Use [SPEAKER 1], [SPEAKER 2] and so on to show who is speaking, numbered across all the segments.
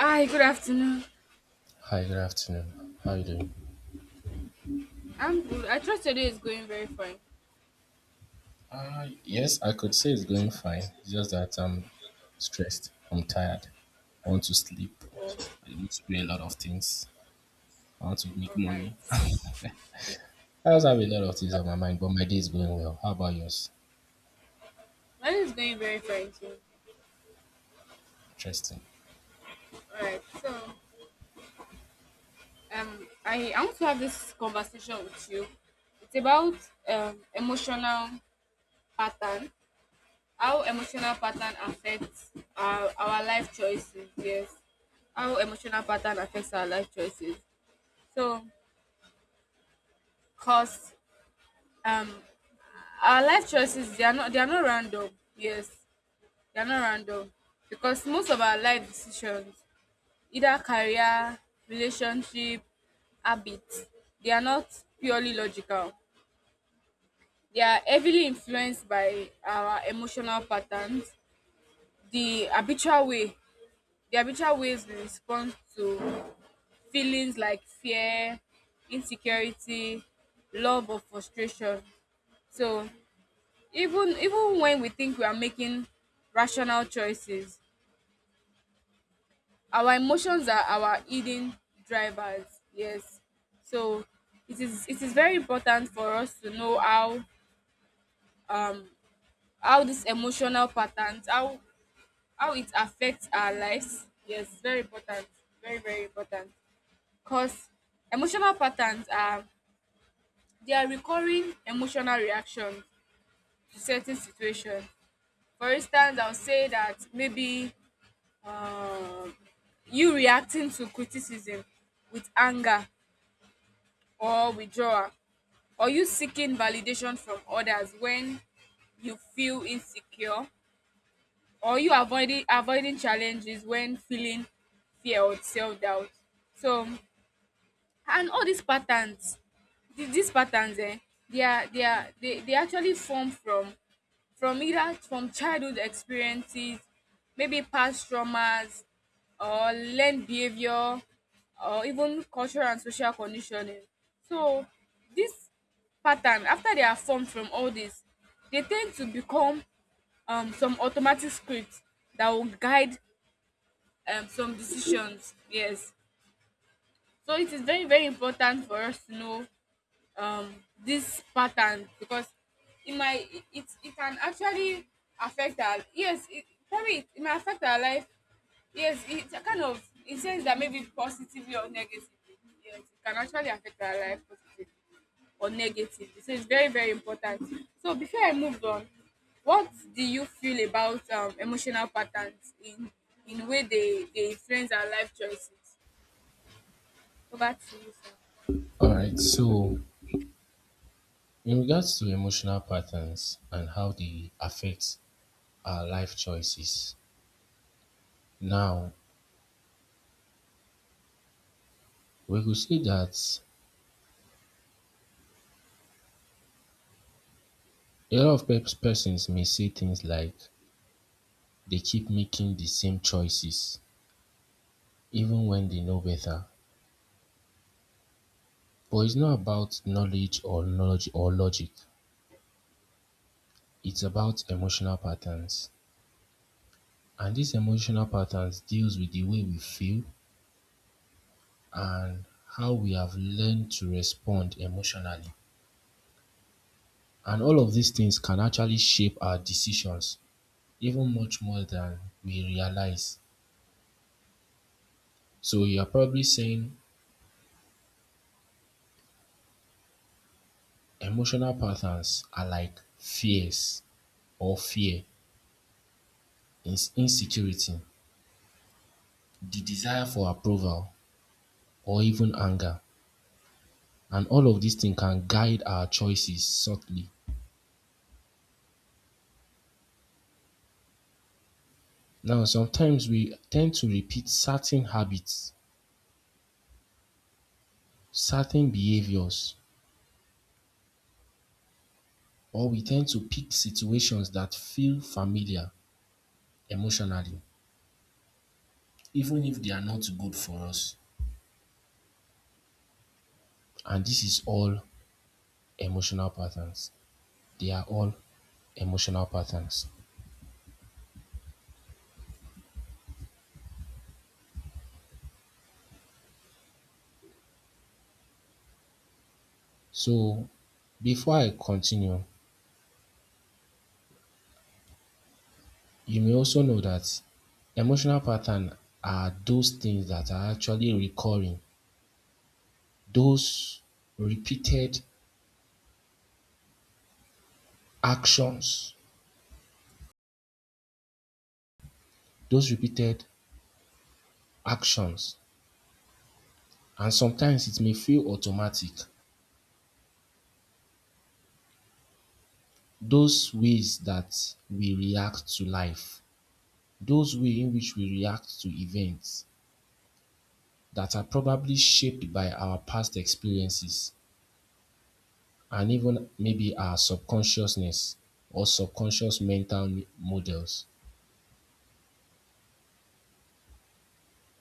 [SPEAKER 1] Hi, good afternoon.
[SPEAKER 2] Hi, good afternoon. How you doing?
[SPEAKER 1] I'm good. I trust your day is going very fine.
[SPEAKER 2] Yes, I could say it's going fine. It's just that I'm stressed. I'm tired. I want to sleep. I want to do a lot of things. I want to make
[SPEAKER 1] All right.
[SPEAKER 2] money. I also have a lot of things on my mind, but my day is going well. How about yours?
[SPEAKER 1] Mine is going very fine too.
[SPEAKER 2] Interesting.
[SPEAKER 1] All right. So, I want to have this conversation with you. It's about emotional pattern, how emotional pattern affects our life choices. Yes, how emotional pattern affects our life choices. So, cause um, our life choices they are not random. Yes, they are not random because most of our life decisions, either career, relationship, habits, they are not purely logical. They are heavily influenced by our emotional patterns, the habitual way the habitual ways we respond to feelings like fear, insecurity, love or frustration. So even when we think we are making rational choices, our emotions are our hidden drivers. Yes, so it is very important for us to know how, um how these emotional patterns, how it affects our lives. Yes, very important, very very important, because emotional patterns are, they are recurring emotional reactions to certain situations. For instance, I'll say that maybe, um you reacting to criticism with anger or withdrawal? Or you seeking validation from others when you feel insecure? Or you avoiding challenges when feeling fear or self-doubt? So, and all these patterns, these patterns, they are they are they actually form from either from childhood experiences, maybe past traumas, or learned behavior, or even cultural and social conditioning. So this pattern, after they are formed from all this, they tend to become, some automatic scripts that will guide, some decisions. Yes. So it is very, very important for us to know, um this pattern because it might it, it it can actually affect our, yes, it probably, it might affect our life, yes, it kind of it says that maybe positively or negatively, yes, it can actually affect our life positively or negatively, so it's very very important. So before I move on, what do you feel about, emotional patterns in way they influence our life choices? Over to you, sir.
[SPEAKER 2] All right. So, in regards to emotional patterns and how they affect our life choices, now we could say that a lot of persons may say things like they keep making the same choices even when they know better. But it's not about knowledge or logic. It's about emotional patterns. And these emotional patterns deals with the way we feel and how we have learned to respond emotionally. And all of these things can actually shape our decisions even much more than we realize. So you're probably saying emotional patterns are like fear, insecurity, the desire for approval, or even anger. And all of these things can guide our choices subtly. Now, sometimes we tend to repeat certain habits, certain behaviors, or we tend to pick situations that feel familiar emotionally, even if they are not good for us. And this is all emotional patterns. They are all emotional patterns. So, before I continue, you may also know that emotional patterns are those things that are actually recurring, those repeated actions, those repeated actions, and sometimes it may feel automatic. Those ways that we react to life, those way in which we react to events that are probably shaped by our past experiences and even maybe our subconsciousness or subconscious mental models.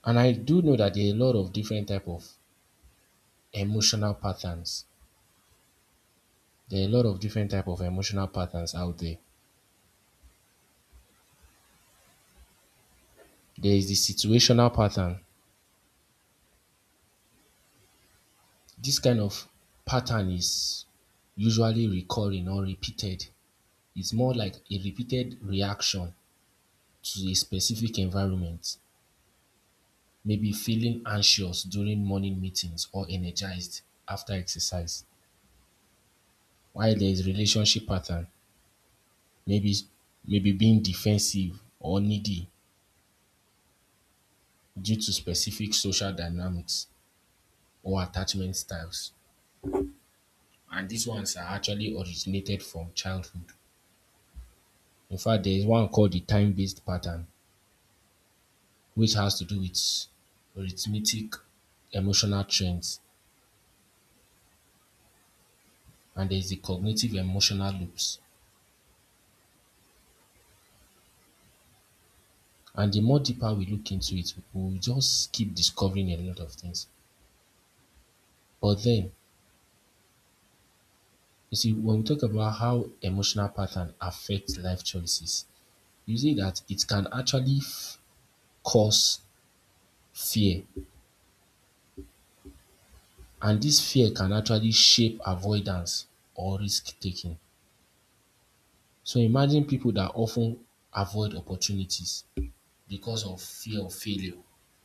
[SPEAKER 2] And I do know that there are a lot of different type of emotional patterns. There are a lot of different type of emotional patterns out there. There is the situational pattern. This kind of pattern is usually recurring or repeated. It's more like a repeated reaction to a specific environment. Maybe feeling anxious during morning meetings or energized after exercise. While there is relationship pattern, maybe maybe being defensive or needy due to specific social dynamics or attachment styles. And these ones are actually originated from childhood. In fact, there is one called the time based pattern, which has to do with arithmetic emotional trends. And there's the cognitive emotional loops. And the more deeper we look into it, we'll just keep discovering a lot of things. But then, you see, when we talk about how emotional patterns affect life choices, you see that it can actually cause fear. And this fear can actually shape avoidance or risk taking. So imagine people that often avoid opportunities because of fear of failure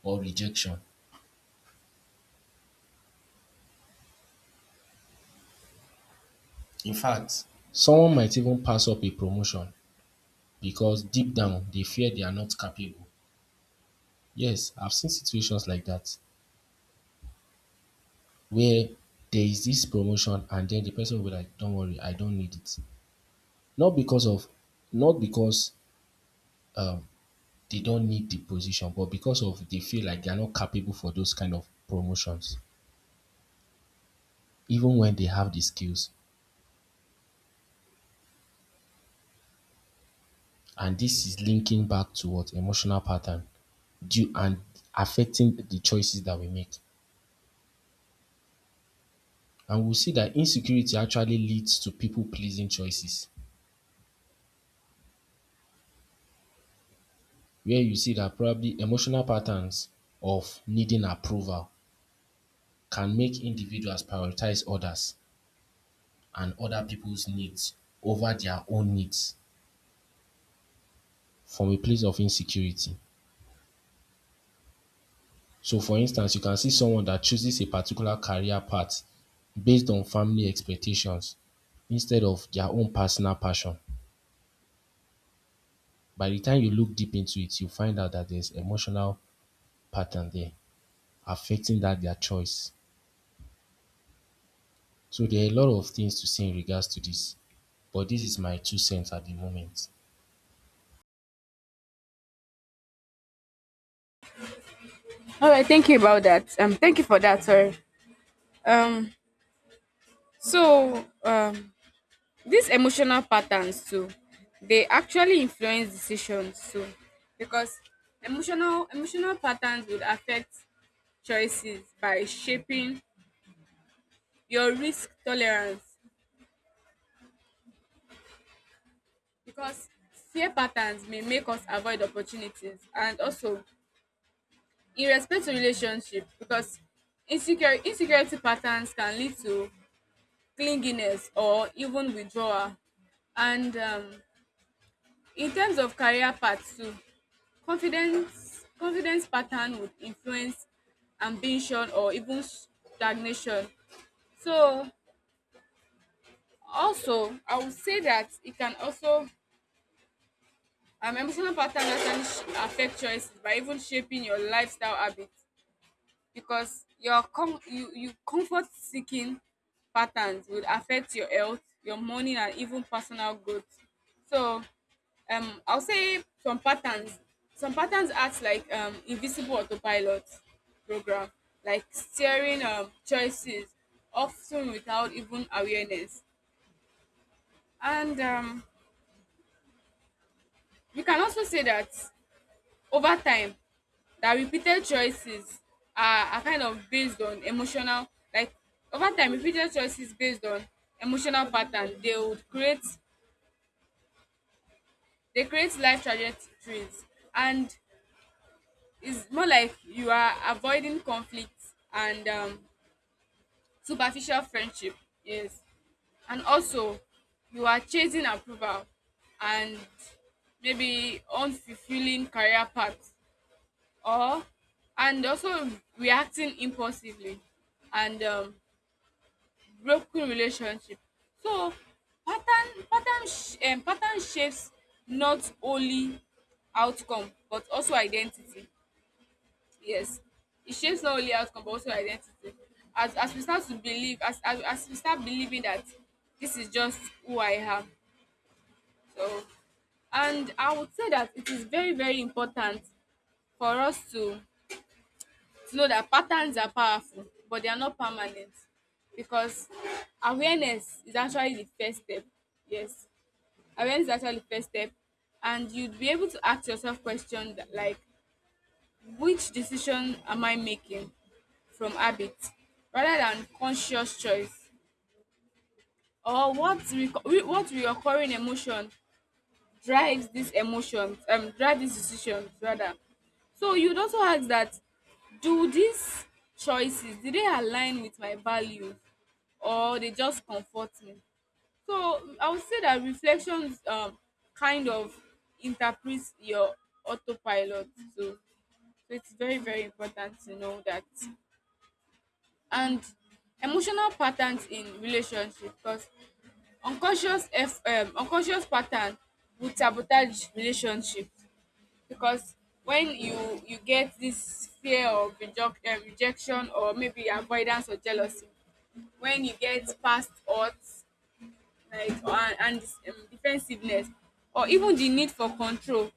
[SPEAKER 2] or rejection. In fact, someone might even pass up a promotion because deep down they fear they are not capable. Yes, I've seen situations like that where there is this promotion and then the person will be like, don't worry, I don't need it. Not because of, not because um, they don't need the position, but because of they feel like they are not capable for those kind of promotions, even when they have the skills. And this is linking back to what emotional pattern due and affecting the choices that we make. And we'll see that insecurity actually leads to people pleasing choices, where you see that probably emotional patterns of needing approval can make individuals prioritize others and other people's needs over their own needs from a place of insecurity. So for instance, you can see someone that chooses a particular career path based on family expectations instead of their own personal passion. By the time you look deep into it, you find out that there's emotional pattern there affecting that their choice. So there are a lot of things to say in regards to this, but this is my two cents at the moment.
[SPEAKER 1] All right, thank you about that, thank you for that. Sorry. Um so um, these emotional patterns too, they actually influence decisions too, because emotional patterns would affect choices by shaping your risk tolerance, because fear patterns may make us avoid opportunities, and also in respect to relationship, because insecure insecurity patterns can lead to clinginess or even withdrawal. And, in terms of career path too, confidence pattern would influence ambition or even stagnation. So also I would say that it can also, emotional pattern actually affect choices by even shaping your lifestyle habits, because you comfort seeking patterns would affect your health, your money, and even personal growth. So, I'll say some patterns. Some patterns act like, invisible autopilot program, like steering, choices, often without even awareness. And, we can also say that over time that repeated choices are kind of based on emotional, like, over time repeated choices based on emotional pattern, they create life trajectories, and it's more like you are avoiding conflict and, superficial friendship, yes, and also you are chasing approval and maybe unfulfilling career path, or, and also reacting impulsively and, broken relationship. So, pattern shapes not only outcome but also identity. Yes, it shapes not only outcome but also identity. As we start to believe as we start believing that this is just who I am. So, and I would say that it is very very important for us to know that patterns are powerful, but they are not permanent, because awareness is actually the first step. Yes, awareness is actually the first step, and you'd be able to ask yourself questions like, which decision am I making from habit rather than conscious choice, or what, what reoccurring emotion drives these emotions, drive these decisions rather. So you'd also ask that, do these choices, do they align with my values or they just comfort me? So, I would say that reflections kind of interprets your autopilot. So it's very very important to know that. And emotional patterns in relationship, because unconscious pattern would sabotage relationships, because when you get this fear of rejection, or maybe avoidance or jealousy, when you get past odds like, and defensiveness or even the need for control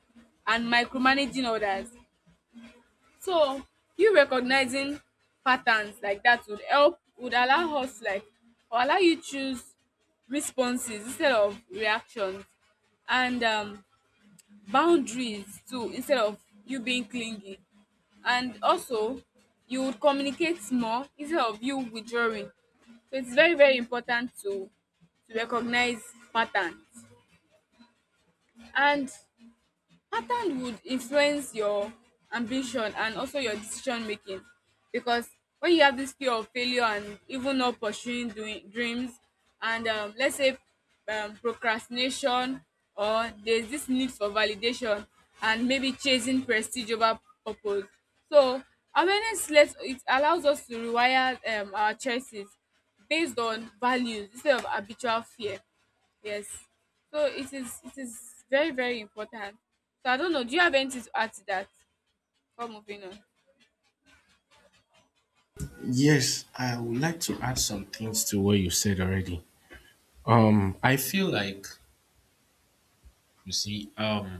[SPEAKER 1] and micromanaging others. So you recognizing patterns like that would allow us, like, or allow you choose responses instead of reactions, and, boundaries too, instead of you being clingy, and also you would communicate more instead of you withdrawing. So it's very very important to recognize patterns. And pattern would influence your ambition and also your decision making, because when you have this fear of failure and even not pursuing doing dreams, and, let's say procrastination, or there's this need for validation and maybe chasing prestige over purpose. So awareness lets it allows us to rewire, our choices based on values instead of habitual fear. Yes. So it is very, very important. So I don't know, do you have anything to add to that before moving on?
[SPEAKER 2] Yes, I would like to add some things to what you said already. I feel like You see, um,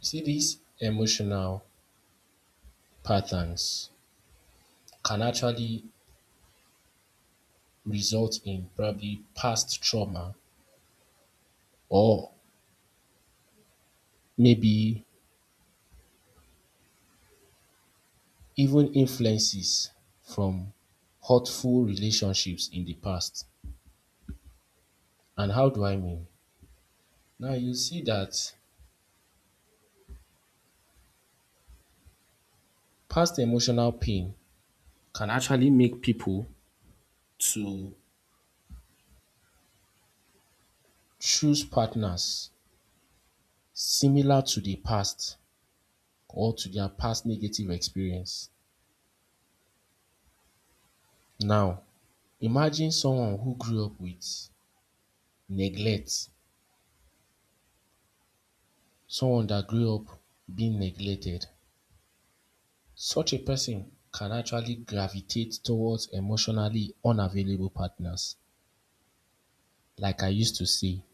[SPEAKER 2] you see these emotional patterns can actually result in probably past trauma or maybe even influences from hurtful relationships in the past. And how do I mean? Now you see that past emotional pain can actually make people to choose partners similar to the past or to their past negative experience. Now, imagine someone who grew up with neglect, someone that grew up being neglected. Such a person can actually gravitate towards emotionally unavailable partners. Like I used to say,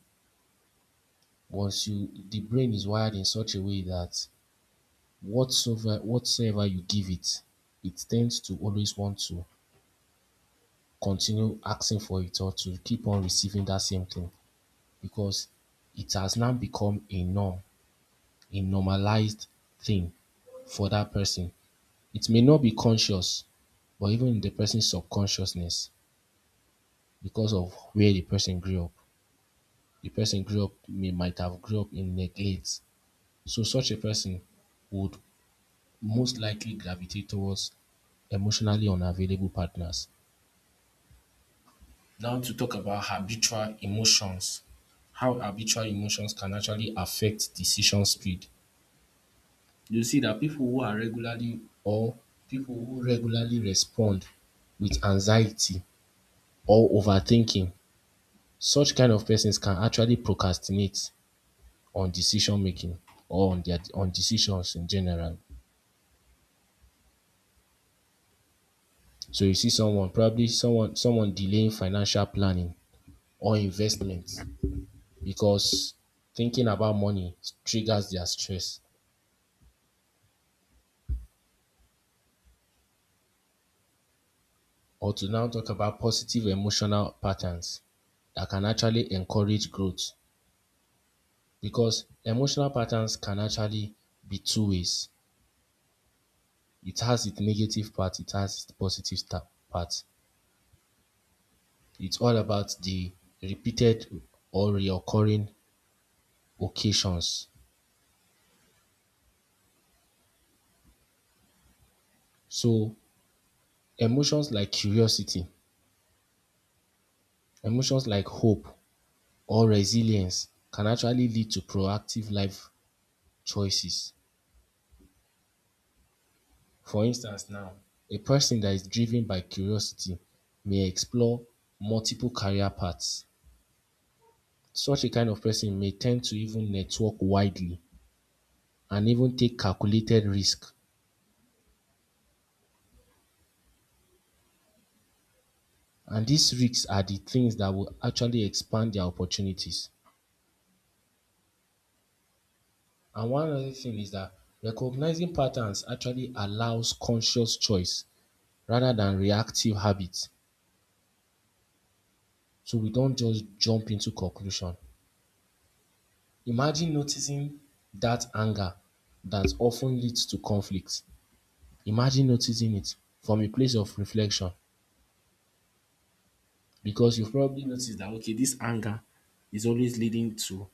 [SPEAKER 2] once you the brain is wired in such a way that whatsoever you give it, it tends to always want to continue asking for it or to keep on receiving that same thing because it has now become a norm, a normalized thing for that person. It may not be conscious, but even in the person's subconsciousness, because of where the person grew up. The person grew up may might have grew up in neglect. So such a person would most likely gravitate towards emotionally unavailable partners. Now to talk about habitual emotions, how habitual emotions can actually affect decision speed. You see that people who regularly respond with anxiety or overthinking, such kind of persons can actually procrastinate on decision making or on their on decisions in general. So you see someone, probably someone someone delaying financial planning or investment because thinking about money triggers their stress. Or to now talk about positive emotional patterns that can actually encourage growth because emotional patterns can actually be two ways. It has its negative part, it has its part. It's all about the repeated or reoccurring occasions. So emotions like curiosity, emotions like hope or resilience can actually lead to proactive life choices. For instance now, a person that is driven by curiosity may explore multiple career paths. Such a kind of person may tend to even network widely and even take calculated risks. And these risks are the things that will actually expand their opportunities. And one other thing is that recognizing patterns actually allows conscious choice rather than reactive habits. So we don't just jump into conclusion. Imagine noticing that anger that often leads to conflict. Imagine noticing it from a place of reflection because you've probably noticed that okay, this anger is always leading to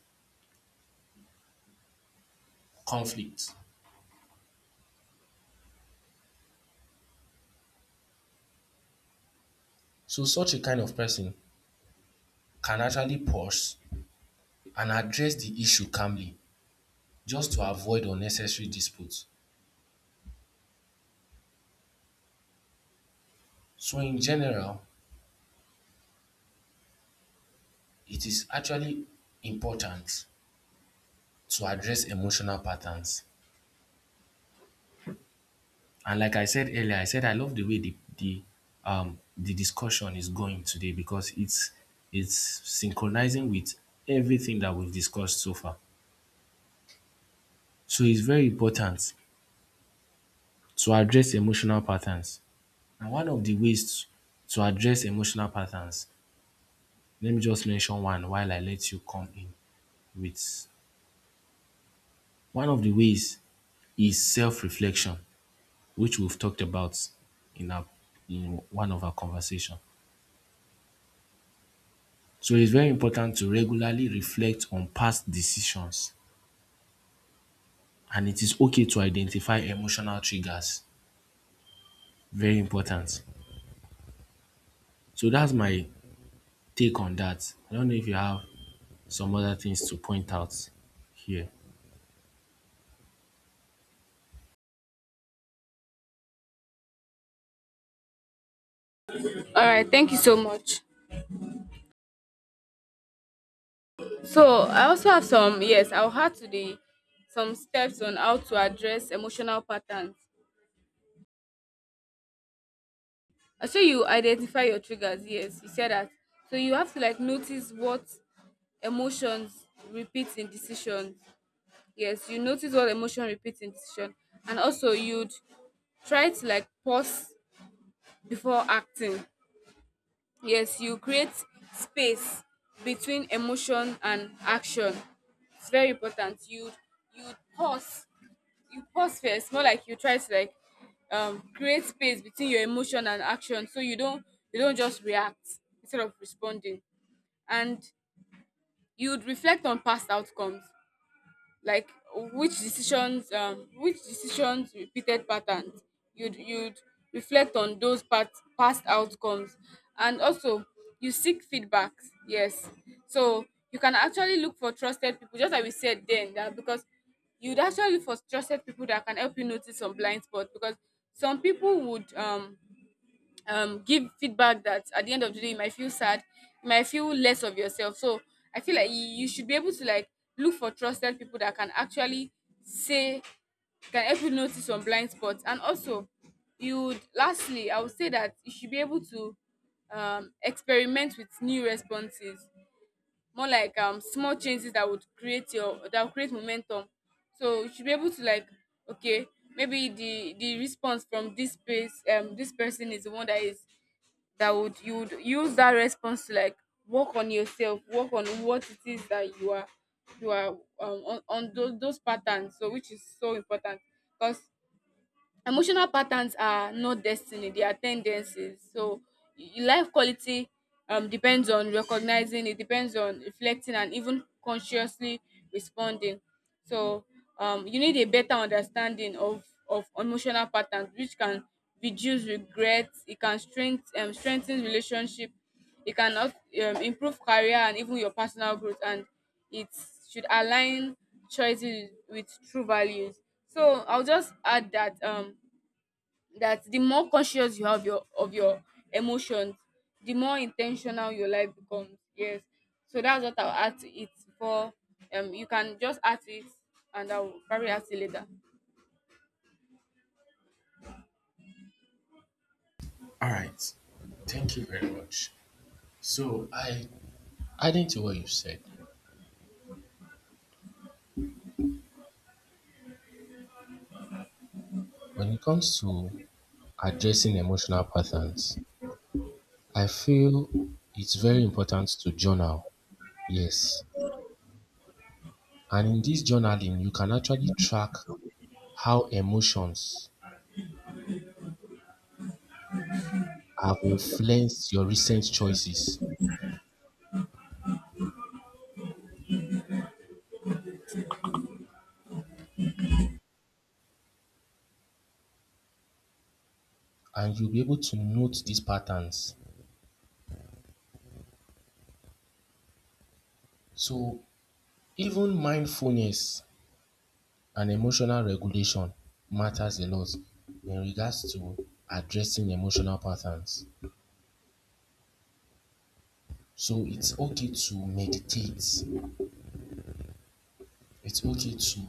[SPEAKER 2] conflict. So such a kind of person can actually pause and address the issue calmly just to avoid unnecessary disputes. So in general, it is actually important to address emotional patterns. And like I said earlier, I said I love the way the discussion is going today because it's synchronizing with everything that we've discussed so far. So it's very important to address emotional patterns. And one of the ways to address emotional patterns, let me just mention one while I let you come in with one of the ways is self-reflection, which we've talked about in our in one of our conversation. So it's very important to regularly reflect on past decisions and it is okay to identify emotional triggers. Very important. So that's my take on that. I don't know if you have some other things to point out here.
[SPEAKER 1] Alright, thank you so much. So I also have some, yes, I'll add to the some steps on how to address emotional patterns. I show you identify your triggers, yes, you said that. So you have to like notice what emotions repeat in decision. Yes, you notice what emotion repeats in decision. And also you'd try to like pause before acting. Yes, you create space between emotion and action. It's very important. You pause. You pause first, more like you try to like, create space between your emotion and action, so you don't just react instead of responding. And you'd reflect on past outcomes, like which decisions, which decisions repeated patterns, you'd reflect on those pat past outcomes. And also you seek feedbacks, yes. So you can actually look for trusted people just like we said then, that, because you'd actually look for trusted people that can help you notice some blind spots, because some people would, give feedback that at the end of the day you might feel sad, you might feel less of yourself. So I feel like you should be able to like look for trusted people that can actually say, can help you notice some blind spots. And also, you would lastly, I would say that you should be able to, experiment with new responses, more like, small changes that would create your that would create momentum. So you should be able to like, okay, maybe the response from this space, this person is the one that is, that would, you would use that response to like work on yourself, work on what it is that you are, on those patterns. So which is so important, because emotional patterns are not destiny, they are tendencies. So life quality, depends on recognizing, it depends on reflecting and even consciously responding. So, you need a better understanding of emotional patterns, which can reduce regret, it can strengthen relationship, it can improve career and even your personal growth, and it should align choices with true values. So I'll just add that, that the more conscious you have your of your emotions, the more intentional your life becomes. Yes, so that's what I'll add to it for. You can just add to it, and I'll probably add it later.
[SPEAKER 2] All right. Thank you very much. So, I adding to what you said, when it comes to addressing emotional patterns, I feel it's very important to journal. Yes. And in this journaling, you can actually track how emotions have influenced your recent choices, and you'll be able to note these patterns. So, even mindfulness and emotional regulation matters a lot in regards to addressing emotional patterns. So, it's okay to meditate, it's okay to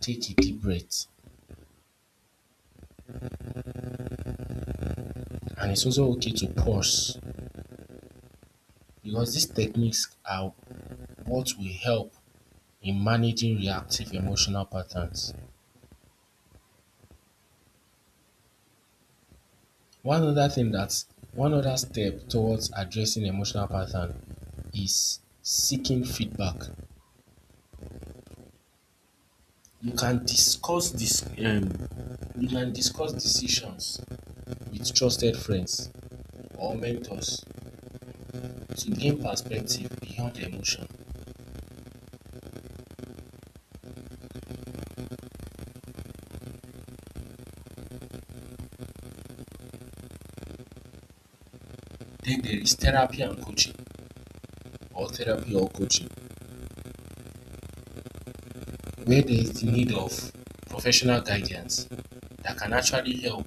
[SPEAKER 2] take a deep breath, and it's also okay to pause because these techniques are what will help in managing reactive emotional patterns. One other thing that one other step towards addressing emotional pattern is seeking feedback. You can discuss this you can discuss decisions with trusted friends or mentors to gain perspective beyond emotion. Then there is therapy or coaching where there is the need of professional guidance that can actually help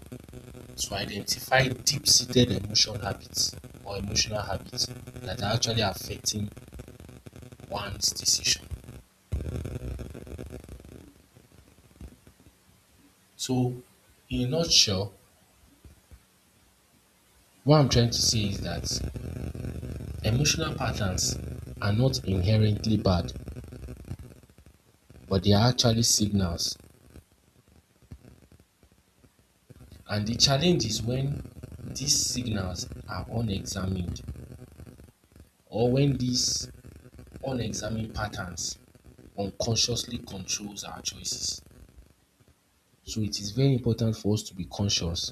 [SPEAKER 2] to identify deep-seated emotional habits or emotional habits that are actually affecting one's decision. So, in a nutshell, what I'm trying to say is that emotional patterns are not inherently bad, but they are actually signals. And the challenge is when these signals are unexamined or when these unexamined patterns unconsciously controls our choices. So it is very important for us to be conscious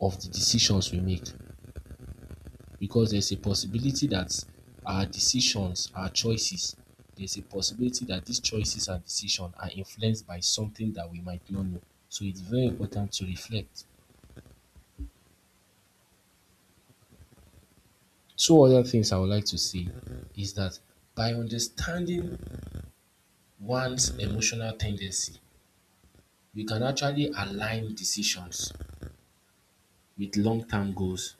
[SPEAKER 2] of the decisions we make because there's a possibility that our decisions, our choices, there's a possibility that these choices and decisions are influenced by something that we might not know. So it's very important to reflect. Two other things I would like to say is that by understanding one's emotional tendency, we can actually align decisions with long term goals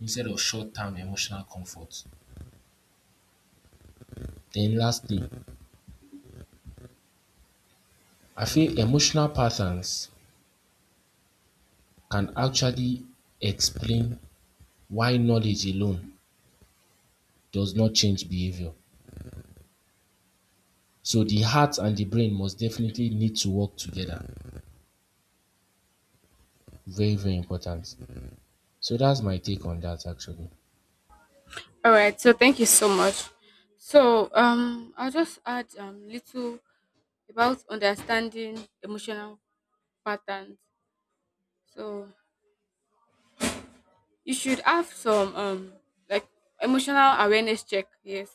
[SPEAKER 2] instead of short term emotional comfort. Then, lastly, I feel emotional patterns can actually explain why knowledge alone does not change behavior. So the heart and the brain must definitely need to work together. Very, very important. So that's my take on that actually.
[SPEAKER 1] All right, so thank you so much. So, I'll just add little about understanding emotional patterns. So you should have some, like, emotional awareness check. Yes,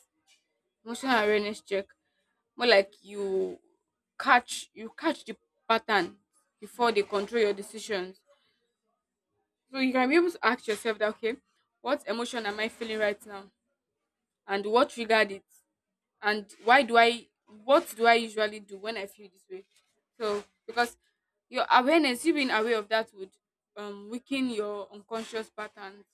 [SPEAKER 1] emotional awareness check. More like you catch the pattern before they control your decisions. So you can be able to ask yourself that, okay, what emotion am I feeling right now, and what triggered it, and why do I what do I usually do when I feel this way? So because your awareness, you being aware of that, would, weaken your unconscious patterns.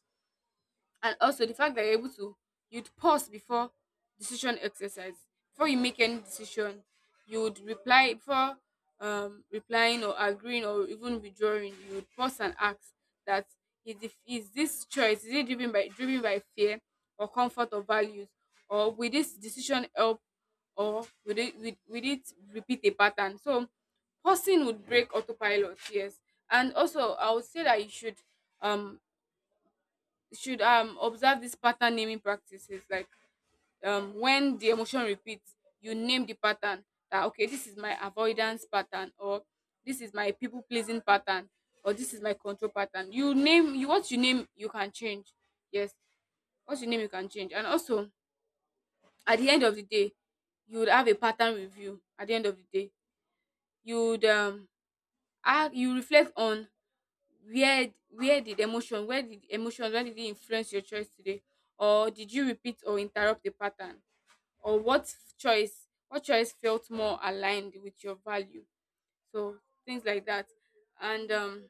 [SPEAKER 1] And also, the fact that you're able to, you'd pause before decision exercise. Before you make any decision, you would reply before, replying or agreeing or even withdrawing, you would pause and ask that, is this choice, is it driven by fear or comfort or values, or will this decision help, or will it repeat a pattern? So pausing would break autopilot, yes. And also, I would say that you should, um observe this pattern naming practices, like, when the emotion repeats, you name the pattern, that, okay, this is my avoidance pattern, or this is my people pleasing pattern, or this is my control pattern. You name you what you name, you can change. Yes, what you name you can change. And also, at the end of the day, you would have a pattern review. At the end of the day, you would, you reflect on where did emotions, where did it influence your choice today, or did you repeat or interrupt the pattern, or what choice felt more aligned with your value? So things like that. And,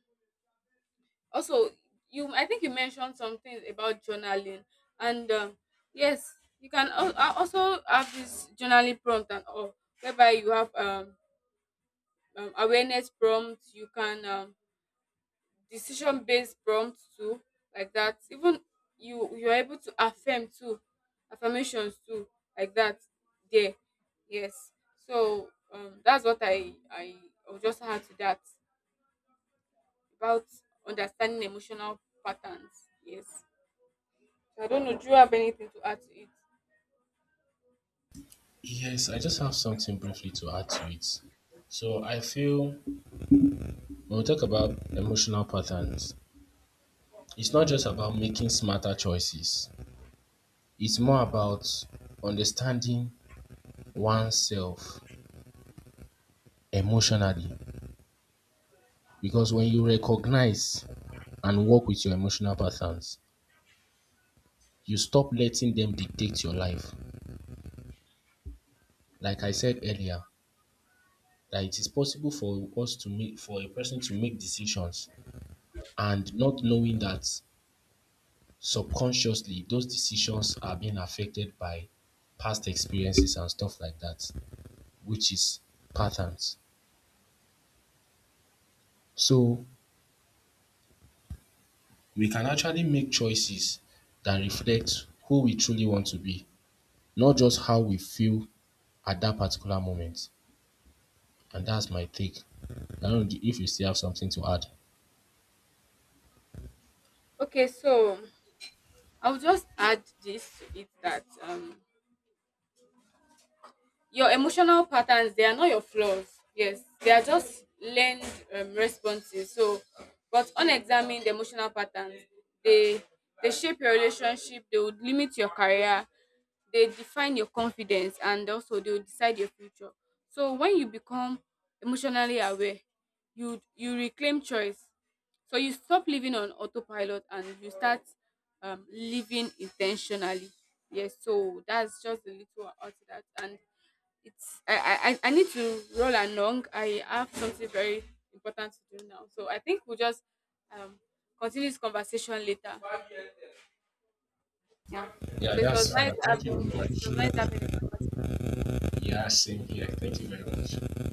[SPEAKER 1] also, you, I think you mentioned some things about journaling, and, yes, you can also have this journaling prompt and all, whereby you have, awareness prompts, you can, decision based prompts too, like that. Even you, you're able to affirm too, affirmations too, like that there. Yes, so, that's what I will just add to that about understanding emotional patterns. Yes, so I don't know, do you have anything to add to it?
[SPEAKER 2] Yes, I just have something briefly to add to it. So I feel when we talk about emotional patterns, it's not just about making smarter choices. It's more about understanding oneself emotionally. Because when you recognize and work with your emotional patterns, you stop letting them dictate your life. Like I said earlier, that it is possible for us to make for a person to make decisions and not knowing that subconsciously those decisions are being affected by past experiences and stuff like that, which is patterns. So we can actually make choices that reflect who we truly want to be, not just how we feel at that particular moment. And that's my take. I don't know if you still have something to add.
[SPEAKER 1] Okay, so I'll just add this to it, that, your emotional patterns, they are not your flaws. Yes, they are just learned, responses. So, but unexamined emotional patterns, they they shape your relationship. They would limit your career. They define your confidence, and also they will decide your future. So when you become emotionally aware, you reclaim choice. So you stop living on autopilot and you start, living intentionally. Yes, so that's just a little out to that. And it's, I need to roll along. I have something very important to do now. So I think we'll just, um continue this conversation later. Yeah.
[SPEAKER 2] Yeah,
[SPEAKER 1] So it was
[SPEAKER 2] that's
[SPEAKER 1] nice
[SPEAKER 2] fine. Thank you very
[SPEAKER 1] having yes, it was nice
[SPEAKER 2] much.
[SPEAKER 1] having this conversation.
[SPEAKER 2] Yeah, same here. Thank you very much.